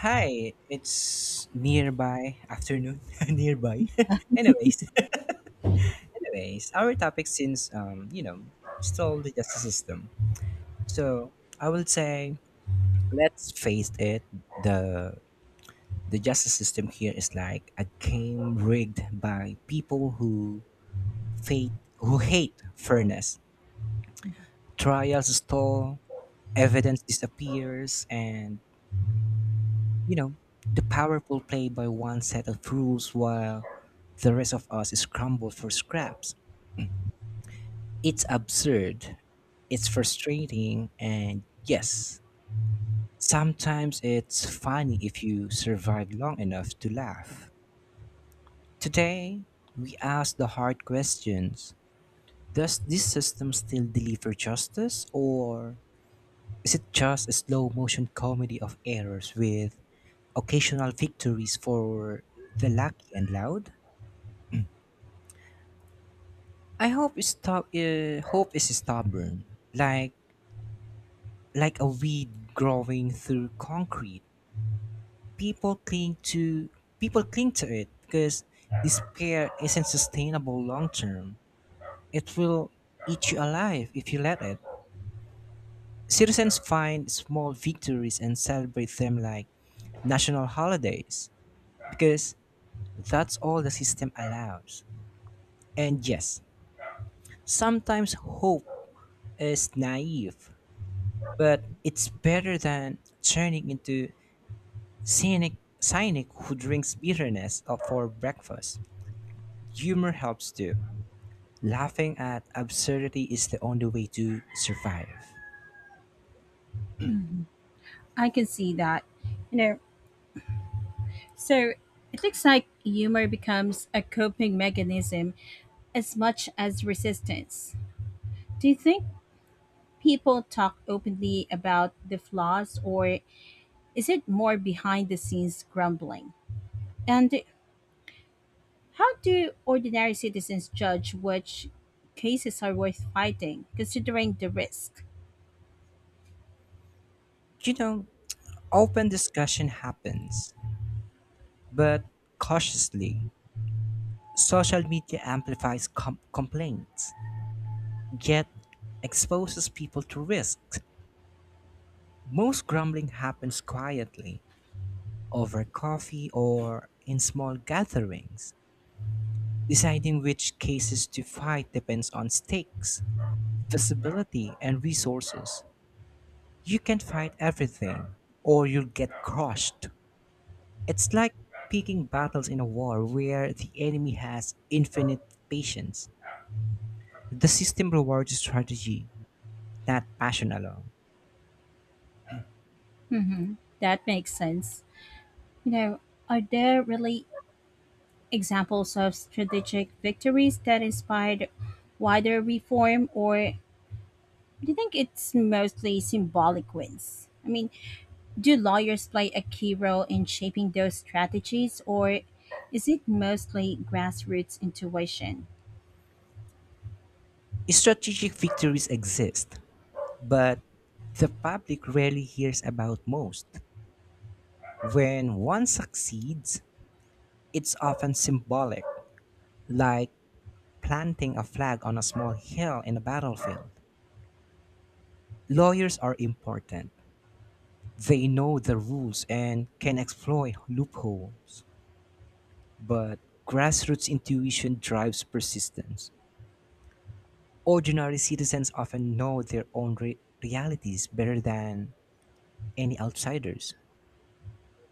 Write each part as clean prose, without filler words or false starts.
Hi, it's nearby afternoon. nearby. anyways, anyways, our topic since still the justice system. So I will say, let's face it, the the justice system here is like a game rigged by people who fate who hate fairness. Trials stall, evidence disappears, and you know, the powerful play by one set of rules while the rest of us scramble for scraps. It's absurd, it's frustrating, and yes, sometimes it's funny if you survive long enough to laugh. Today, we ask the hard questions. Does this system still deliver justice, or is it just a slow motion comedy of errors with occasional victories for the lucky and loud? I hope is stop. Hope is stubborn, like like a weed growing through concrete. People cling to People cling to it because despair isn't sustainable long term. It will eat you alive if you let it. Citizens find small victories and celebrate them like national holidays because that's all the system allows. And yes, sometimes hope is naive but it's better than turning into cynic, cynic who drinks bitterness up for breakfast. Humor helps too. Laughing at absurdity is the only way to survive. I can see that. You know, so it looks like humor becomes a coping mechanism as much as resistance. Do you think people talk openly about the flaws, or is it more behind the scenes grumbling? And how do ordinary citizens judge which cases are worth fighting, considering the risk? You know, open discussion happens, but cautiously. Social media amplifies complaints, yet exposes people to risks. Most grumbling happens quietly, over coffee or in small gatherings. Deciding which cases to fight depends on stakes, visibility, and resources. You can fight everything, or you'll get crushed. It's like picking battles in a war where the enemy has infinite patience. The system rewards strategy, not passion alone. Hmm, that makes sense. You know, are there really examples of strategic victories that inspired wider reform, or do you think it's mostly symbolic wins? I mean, do lawyers play a key role in shaping those strategies, or is it mostly grassroots intuition? Strategic victories exist, but the public rarely hears about most. When one succeeds, it's often symbolic, like planting a flag on a small hill in a battlefield. Lawyers are important. They know the rules and can exploit loopholes. But grassroots intuition drives persistence. Ordinary citizens often know their own realities better than any outsiders.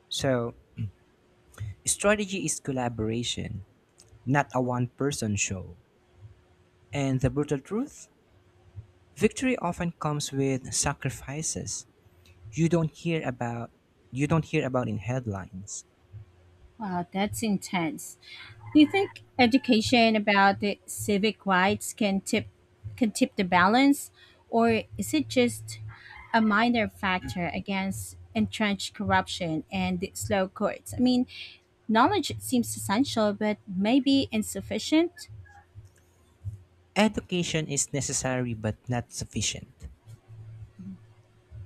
So, strategy is collaboration, not a one person show. And the brutal truth? Victory often comes with sacrifices. you don't hear about you don't hear about in headlines. Wow, that's intense. Do you think education about the civic rights can tip the balance, or is it just a minor factor against entrenched corruption and the slow courts? I mean, knowledge seems essential, but maybe insufficient. Education is necessary but not sufficient.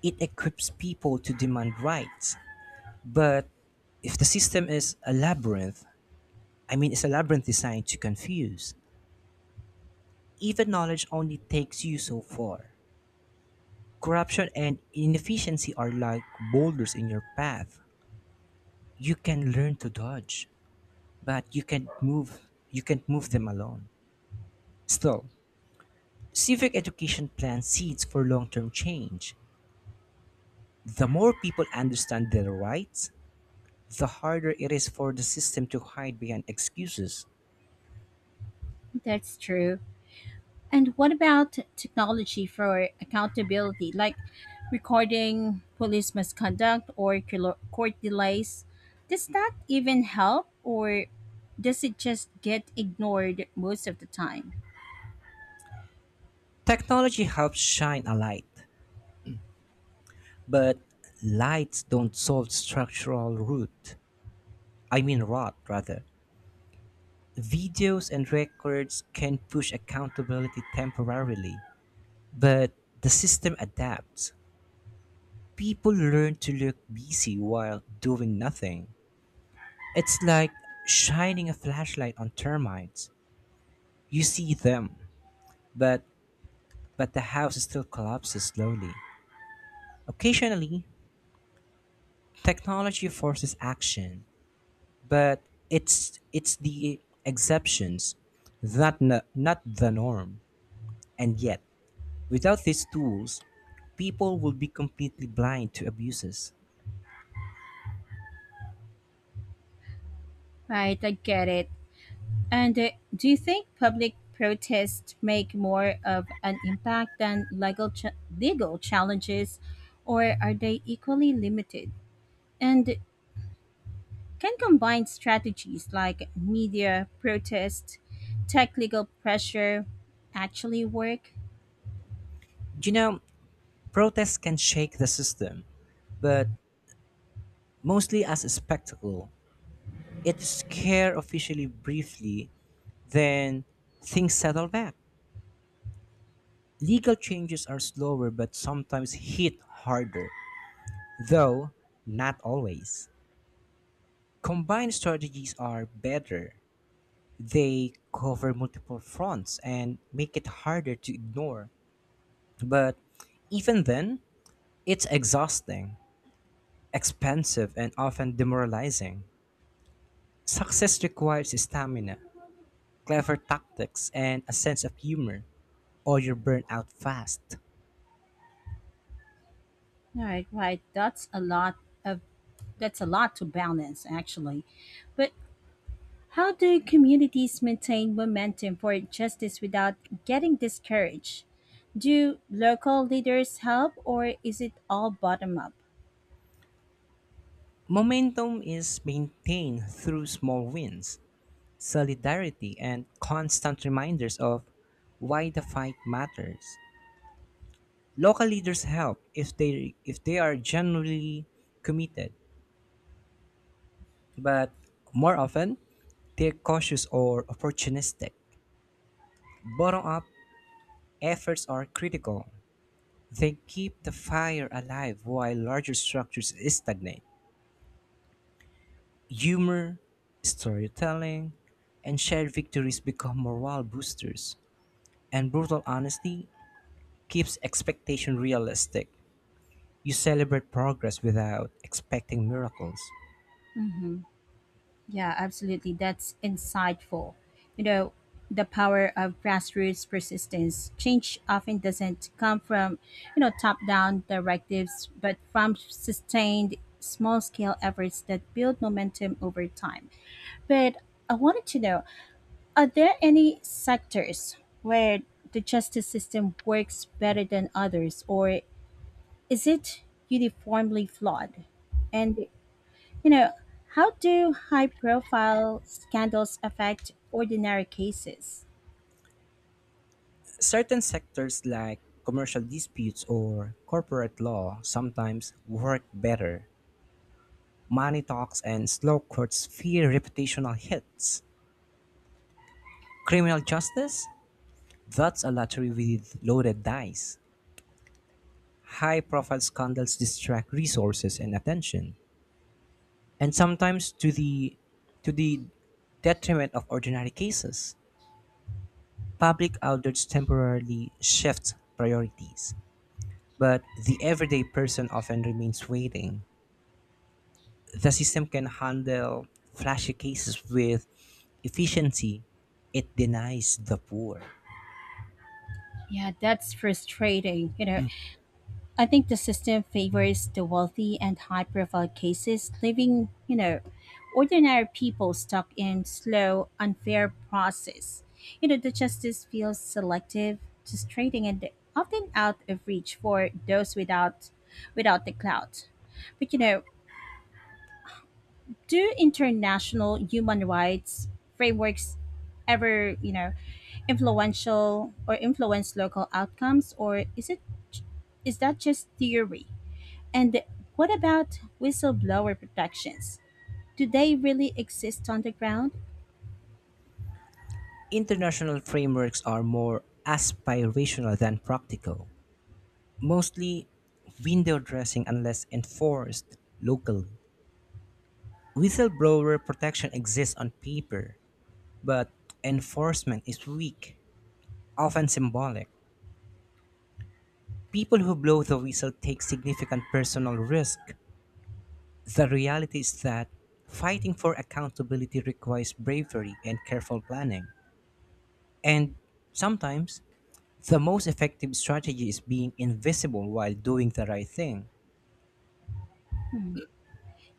It equips people to demand rights, but if the system is a labyrinth, I mean it's a labyrinth designed to confuse. Even knowledge only takes you so far. Corruption and inefficiency are like boulders in your path. You can learn to dodge, but you can't move them alone. Still, civic education plants seeds for long term change. The more people understand their rights, the harder it is for the system to hide behind excuses. That's true. And what about technology for accountability, like recording police misconduct or court delays? Does that even help, or does it just get ignored most of the time? Technology helps shine a light, but lights don't solve structural rot, rather. Videos and records can push accountability temporarily, but the system adapts. People learn to look busy while doing nothing. It's like shining a flashlight on termites. You see them, but the house still collapses slowly. Occasionally, technology forces action, but it's the exceptions, that not the norm. And yet, without these tools, people would be completely blind to abuses. Right, I get it. And do you think public protests make more of an impact than legal challenges, or are they equally limited? And can combine strategies like media protest, tech legal pressure actually work? You know, protests can shake the system, but mostly as a spectacle. It scare officially briefly. Then things settle back. Legal changes are slower but sometimes hit harder, though not always. Combined strategies are better. They cover multiple fronts and make it harder to ignore. But even then, it's exhausting, expensive, and often demoralizing. Success requires stamina, clever tactics, and a sense of humor, or you burn out fast. All right, right. Of that's a lot to balance actually. But how do communities maintain momentum for justice without getting discouraged? Do local leaders help or is it all bottom up? Momentum is maintained through small wins, solidarity, and constant reminders of why the fight matters. Local leaders help if they are genuinely committed, but more often they're cautious or opportunistic. Bottom-up efforts are critical. They keep the fire alive while larger structures stagnate. Humor, storytelling, and shared victories become morale boosters, and brutal honesty keeps expectation realistic. You celebrate progress without expecting miracles. Mhm. Yeah, absolutely. That's insightful. You know, the power of grassroots persistence. Change often doesn't come from, top down directives, but from sustained small scale efforts that build momentum over time. But I wanted to know, are there any sectors where the justice system works better than others, or is it uniformly flawed? And you know, how do high profile scandals affect ordinary cases? Certain sectors like commercial disputes or corporate law sometimes work better. Money talks and slow courts fear reputational hits. Criminal justice? That's a lottery with loaded dice. High profile scandals distract resources and attention, and sometimes to the detriment of ordinary cases. Public outlets temporarily shift priorities, but the everyday person often remains waiting. The system can handle flashy cases with efficiency, it denies the poor. Yeah, that's frustrating. I think the system favors the wealthy and high profile cases, leaving, ordinary people stuck in slow, unfair process. The justice feels selective, frustrating and often out of reach for those without the clout. But do international human rights frameworks ever, influential or influence local outcomes, or is that just theory? And what about whistleblower protections? Do they really exist on the ground? International frameworks are more aspirational than practical, mostly window dressing unless enforced locally. Whistleblower protection exists on paper, but enforcement is weak, often symbolic. People who blow the whistle take significant personal risk. The reality is that fighting for accountability requires bravery and careful planning. And sometimes, the most effective strategy is being invisible while doing the right thing. Hmm.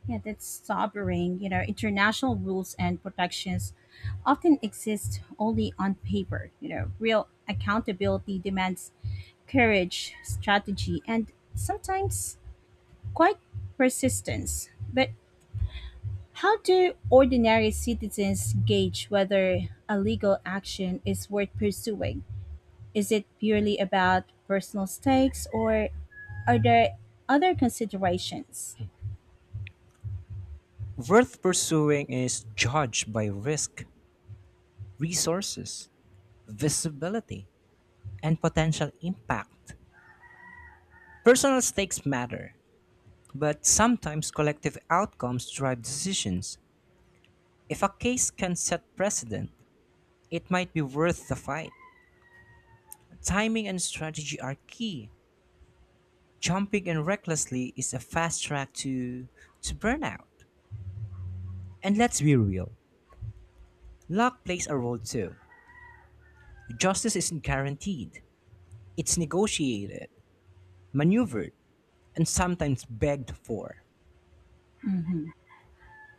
Yeah, that's sobering. International rules and protections often exist only on paper. Real accountability demands courage, strategy, and sometimes quite persistence. But how do ordinary citizens gauge whether a legal action is worth pursuing? Is it purely about personal stakes or are there other considerations? Worth pursuing is judged by risk, resources, visibility, and potential impact. Personal stakes matter, but sometimes collective outcomes drive decisions. If a case can set precedent, it might be worth the fight. Timing and strategy are key. Jumping in recklessly is a fast track to burnout. And let's be real, luck plays a role too. Justice isn't guaranteed. It's negotiated, maneuvered, and sometimes begged for. Hmm,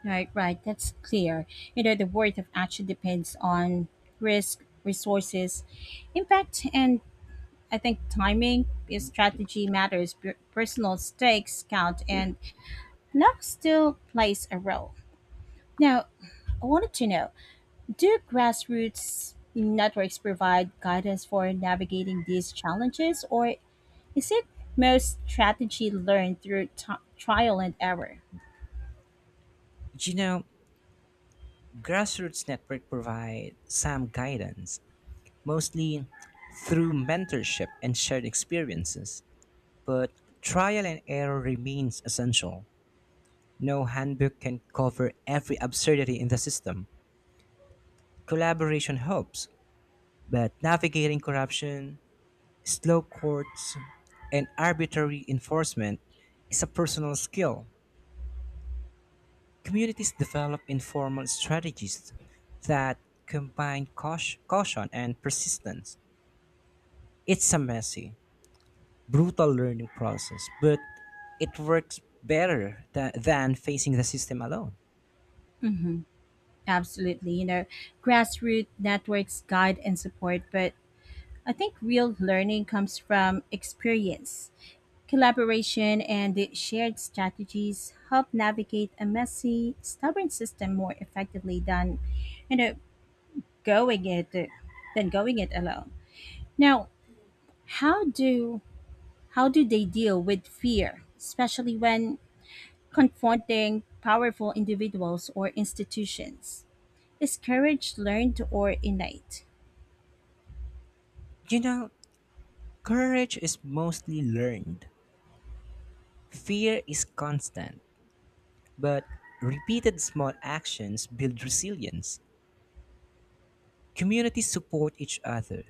right, right. That's clear. The worth of action depends on risk, resources, impact, and I think timing. Is strategy matters. Personal stakes count, and luck still plays a role. Now, I wanted to know, do grassroots networks provide guidance for navigating these challenges, or is it most strategy learned through trial and error? You know, grassroots network provide some guidance, mostly through mentorship and shared experiences. But trial and error remains essential. No handbook can cover every absurdity in the system. Collaboration helps, but navigating corruption, slow courts, and arbitrary enforcement is a personal skill. Communities develop informal strategies that combine caution and persistence. It's a messy, brutal learning process, but it works better than facing the system alone. Absolutely. Grassroots networks guide and support, but I think real learning comes from experience. Collaboration and the shared strategies help navigate a messy, stubborn system more effectively than you know going it than going it alone. Now, how do how do they deal with fear, especially when confronting powerful individuals or institutions? Is courage learned or innate? You know, Courage is mostly learned. Fear is constant, but repeated small actions build resilience. Communities support each other,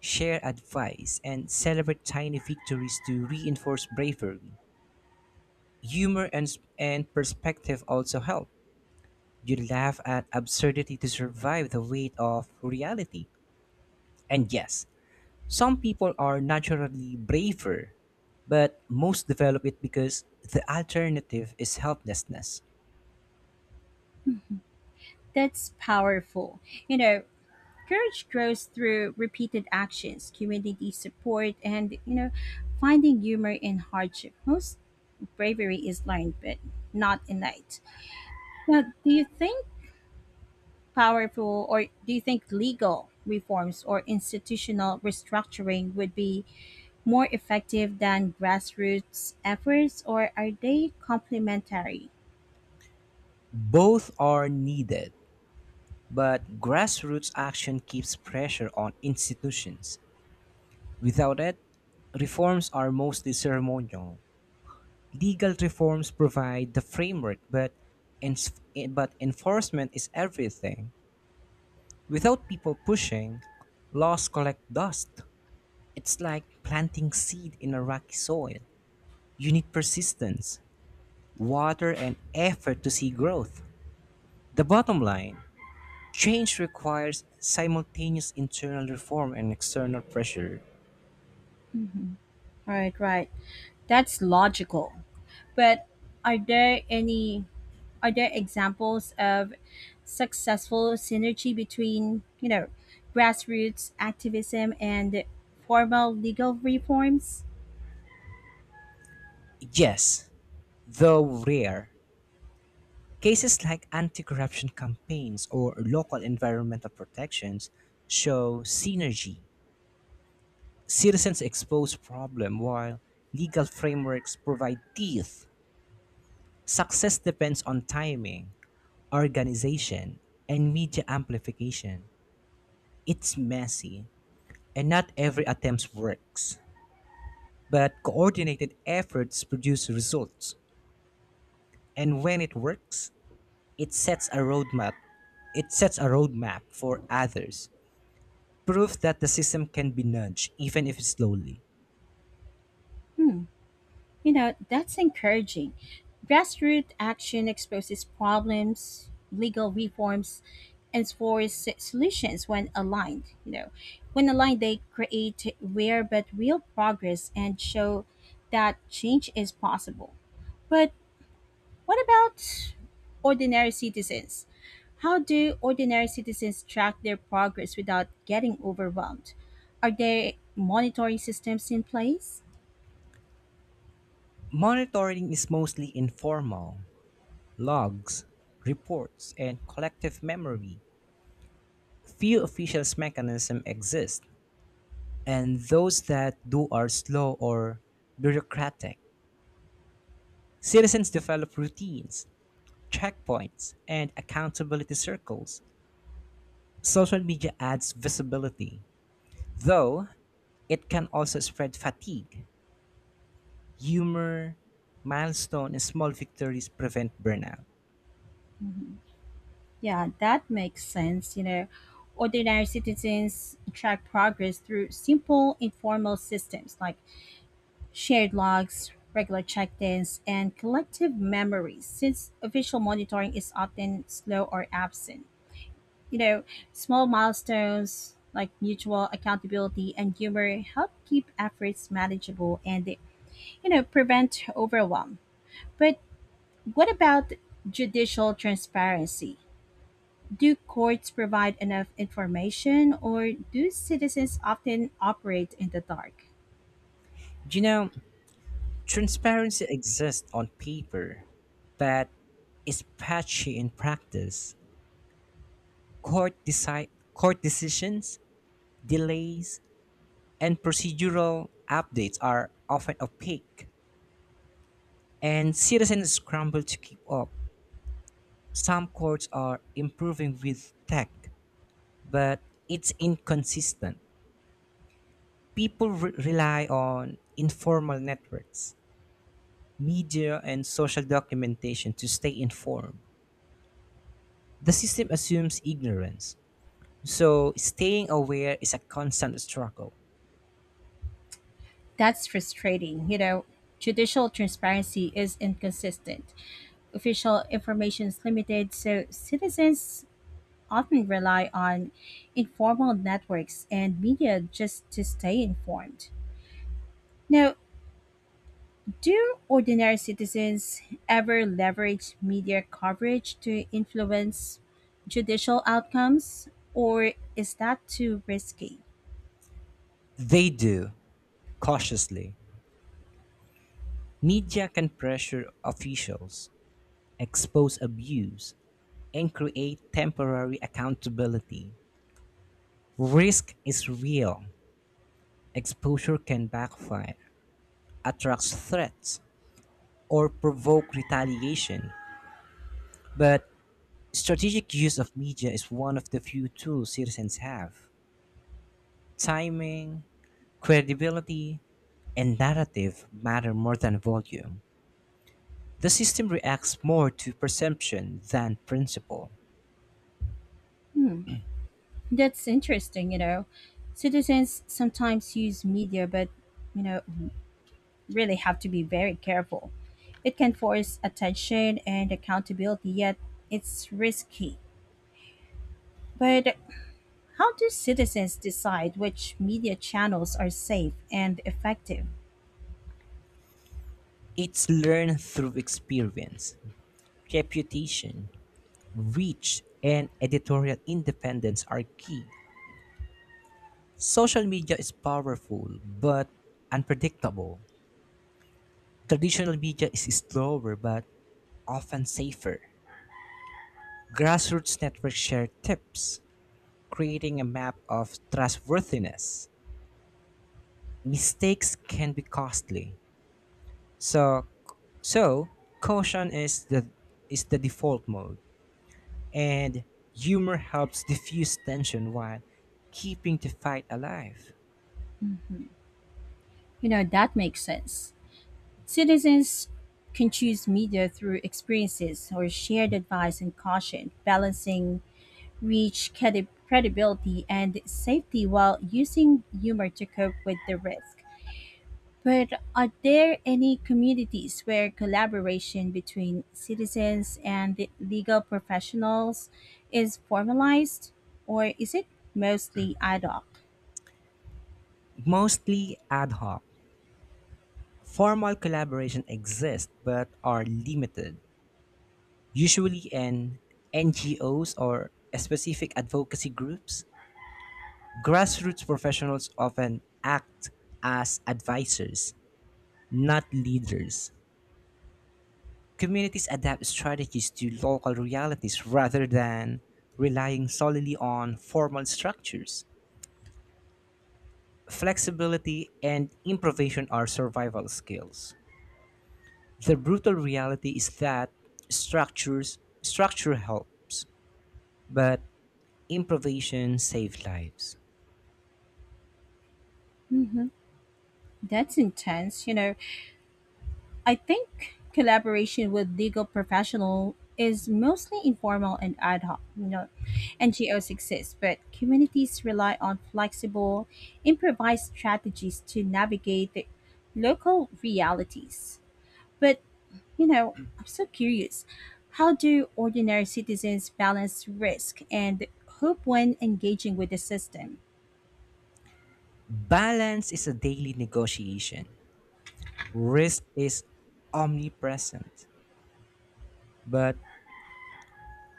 share advice, and celebrate tiny victories to reinforce bravery. Humor and perspective also help. You laugh at absurdity to survive the weight of reality. And yes, some people are naturally braver, but most develop it because the alternative is helplessness. That's powerful. You know, Courage grows through repeated actions, community support, and finding humor in hardship. Most bravery is learned, but not innate. Now, do you think legal reforms or institutional restructuring would be more effective than grassroots efforts or are they complementary? Both are needed, but grassroots action keeps pressure on institutions. Without it, reforms are mostly ceremonial. Legal reforms provide the framework, but but enforcement is everything. Without people pushing, laws collect dust. It's like planting seed in a rocky soil. You need persistence, water, and effort to see growth. The bottom line, change requires simultaneous internal reform and external pressure. All right, right. That's logical. But are there any are there examples of successful synergy between, grassroots activism and formal legal reforms? Yes, though rare, cases like anti corruption campaigns or local environmental protections show synergy. Citizens expose problem while legal frameworks provide teeth. Success depends on timing, organization, and media amplification. It's messy, and not every attempt works, but coordinated efforts produce results. And when it works, it sets a roadmap. It sets a roadmap for others. Proof that the system can be nudged, even if slowly. Hmm. That's encouraging. Grassroots action exposes problems, legal reforms, and forces solutions when aligned. When aligned, they create rare but real progress and show that change is possible. But what about ordinary citizens? How do ordinary citizens track their progress without getting overwhelmed? Are there monitoring systems in place? Monitoring is mostly informal logs, reports, and collective memory. Few official mechanisms exist, and those that do are slow or bureaucratic. Citizens develop routines, checkpoints, and accountability circles. Social media adds visibility, though it can also spread fatigue. Humor, milestone, and small victories prevent burnout. Yeah, that makes sense. Ordinary citizens track progress through simple informal systems like shared logs, regular check ins, and collective memories, since official monitoring is often slow or absent. You know, Small milestones like mutual accountability and humor help keep efforts manageable and, they, prevent overwhelm. But what about judicial transparency? Do courts provide enough information, or do citizens often operate in the dark? Do you know, transparency exists on paper, but is patchy in practice. Court decisions, delays, and procedural updates are often opaque, and citizens scramble to keep up. Some courts are improving with tech, but it's inconsistent. People rely on informal networks, media, and social documentation to stay informed. The system assumes ignorance, so staying aware is a constant struggle. That's frustrating. Judicial transparency is inconsistent. Official information is limited, so citizens often rely on informal networks and media just to stay informed. Now, do ordinary citizens ever leverage media coverage to influence judicial outcomes, or is that too risky? They do, cautiously. Media can pressure officials, expose abuse, and create temporary accountability. Risk is real. Exposure can backfire, attract threats, or provoke retaliation, but strategic use of media is one of the few tools citizens have. Timing, credibility, and narrative matter more than volume. The system reacts more to perception than principle. Hmm, that's interesting. Citizens sometimes use media, but, you know, really have to be very careful. It can force attention and accountability, yet it's risky. But how do citizens decide which media channels are safe and effective? It's learned through experience. Reputation, reach, and editorial independence are key. Social media is powerful but unpredictable. Traditional media is slower but often safer. Grassroots networks share tips, creating a map of trustworthiness. Mistakes can be costly. So so caution is the default mode and humor helps diffuse tension while keeping the fight alive. That makes sense. Citizens can choose media through experiences or shared advice and caution, balancing reach, credibility, and safety while using humor to cope with the risk. But are there any communities where collaboration between citizens and legal professionals is formalized, or is it mostly ad hoc? Mostly ad hoc. Formal collaboration exists but are limited, usually in NGOs or specific advocacy groups. Grassroots professionals often act as advisors, not leaders. Communities adapt strategies to local realities rather than relying solely on formal structures. Flexibility and improvisation are survival skills. The brutal reality is that structure helps, but improvisation saves lives. Hmm. That's intense, I think collaboration with legal professional is mostly informal and ad hoc. NGOs exist, but communities rely on flexible, improvised strategies to navigate the local realities. But I'm so curious. How do ordinary citizens balance risk and hope when engaging with the system? Balance is a daily negotiation. Risk is omnipresent, but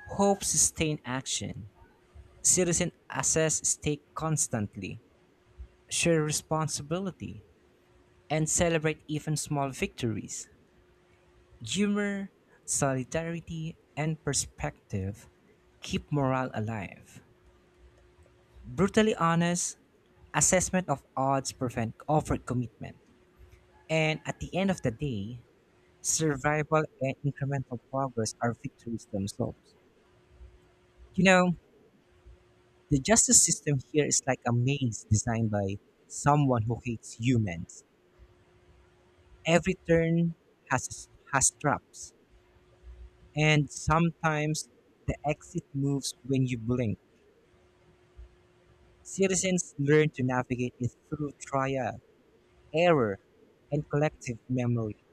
hope sustains action. Citizens assess stake constantly, share responsibility, and celebrate even small victories. Humor, solidarity, and perspective keep morale alive. Brutally honest, assessment of odds prevent overt commitment, and at the end of the day, survival and incremental progress are victories themselves. You know, the justice system here is like a maze designed by someone who hates humans. Every turn has traps, and sometimes the exit moves when you blink. Citizens learn to navigate it through trial, error, and collective memory.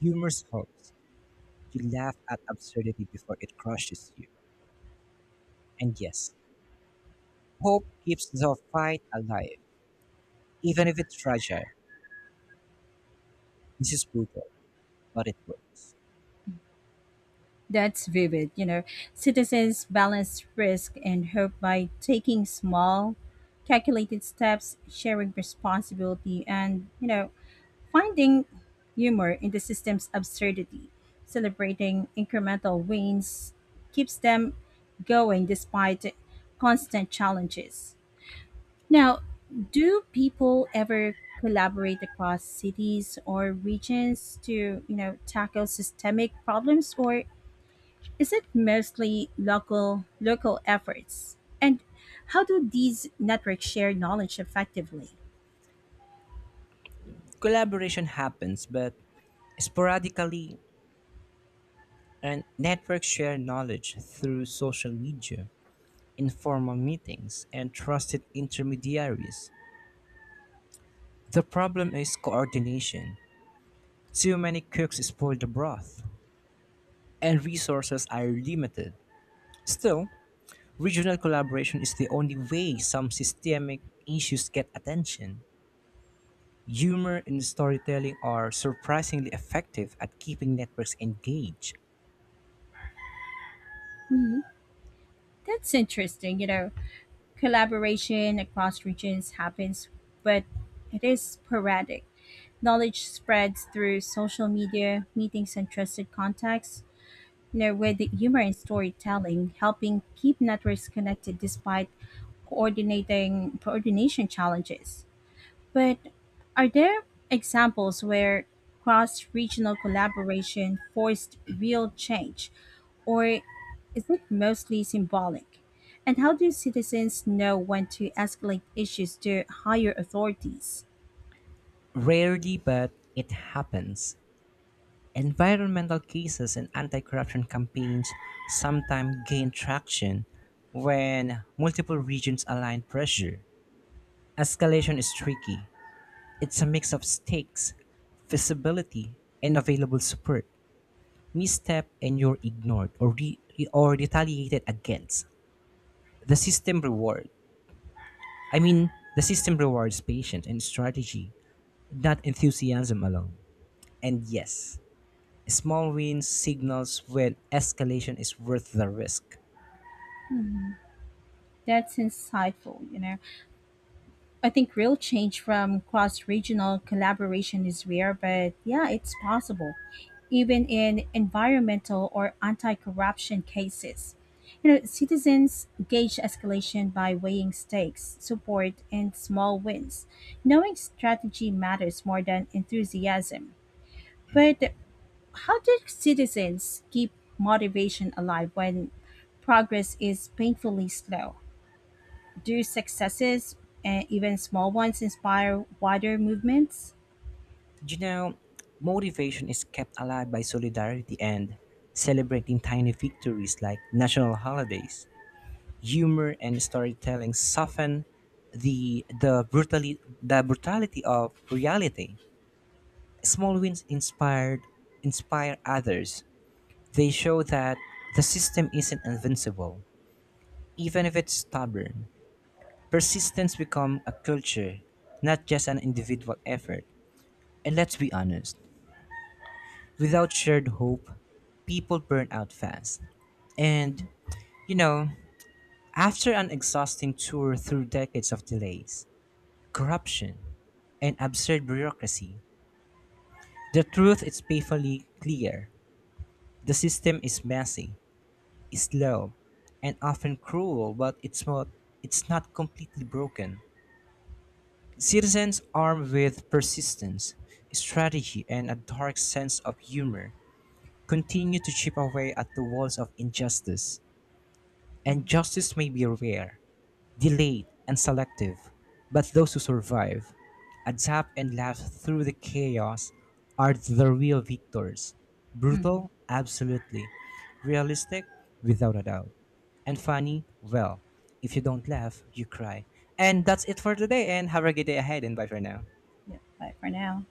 Humor helps. You laugh at absurdity before it crushes you. And yes, hope keeps the fight alive, even if it's fragile. This is brutal, but it works. That's vivid. Citizens balance risk and hope by taking small, calculated steps, sharing responsibility, and, finding humor in the system's absurdity. Celebrating incremental wins keeps them going despite constant challenges. Now, do people ever collaborate across cities or regions to, tackle systemic problems or is it mostly local efforts? And how do these networks share knowledge effectively? Collaboration happens, but sporadically, and networks share knowledge through social media, informal meetings, and trusted intermediaries. The problem is coordination. Too many cooks spoil the broth, and resources are limited. Still, regional collaboration is the only way some systemic issues get attention. Humor and storytelling are surprisingly effective at keeping networks engaged. Mhm. That's interesting. Collaboration across regions happens, but it is sporadic. Knowledge spreads through social media, meetings, and trusted contacts, with humor and storytelling, helping keep networks connected despite coordinating coordination challenges. But are there examples where cross regional collaboration forced real change, or is it mostly symbolic? And how do citizens know when to escalate issues to higher authorities? Rarely, but it happens. Environmental cases and anti corruption campaigns sometimes gain traction when multiple regions align pressure. Escalation is tricky, it's a mix of stakes, visibility, and available support. Misstep and you're ignored or or retaliated against. The system reward. The system rewards patience and strategy, not enthusiasm alone. And yes, small wins signals when escalation is worth the risk. Hmm, that's insightful, I think real change from cross regional collaboration is rare, but yeah, it's possible, even in environmental or anti corruption cases. Citizens gauge escalation by weighing stakes, support, and small wins. Knowing strategy matters more than enthusiasm. But how do citizens keep motivation alive when progress is painfully slow? Do successes and even small ones inspire wider movements? You know, motivation is kept alive by solidarity and celebrating tiny victories like national holidays. Humor and storytelling soften the brutality of reality. Small wins inspired inspire others. They show that the system isn't invincible, even if it's stubborn. Persistence becomes a culture, not just an individual effort. And let's be honest, without shared hope, people burn out fast. And you know, after an exhausting tour through decades of delays, corruption, and absurd bureaucracy, the truth is painfully clear. The system is messy, is low and often cruel, but it's not completely broken. Citizens armed with persistence, strategy, and a dark sense of humor continue to chip away at the walls of injustice. And justice may be rare, delayed and selective, but those who survive, adapt and laugh through the chaos are the real victors. Hmm. Brutal? Absolutely. Realistic? Without a doubt. And funny? Well, if you don't laugh, you cry. And that's it for today, and have a good day ahead, and bye for now. Yeah, bye for now.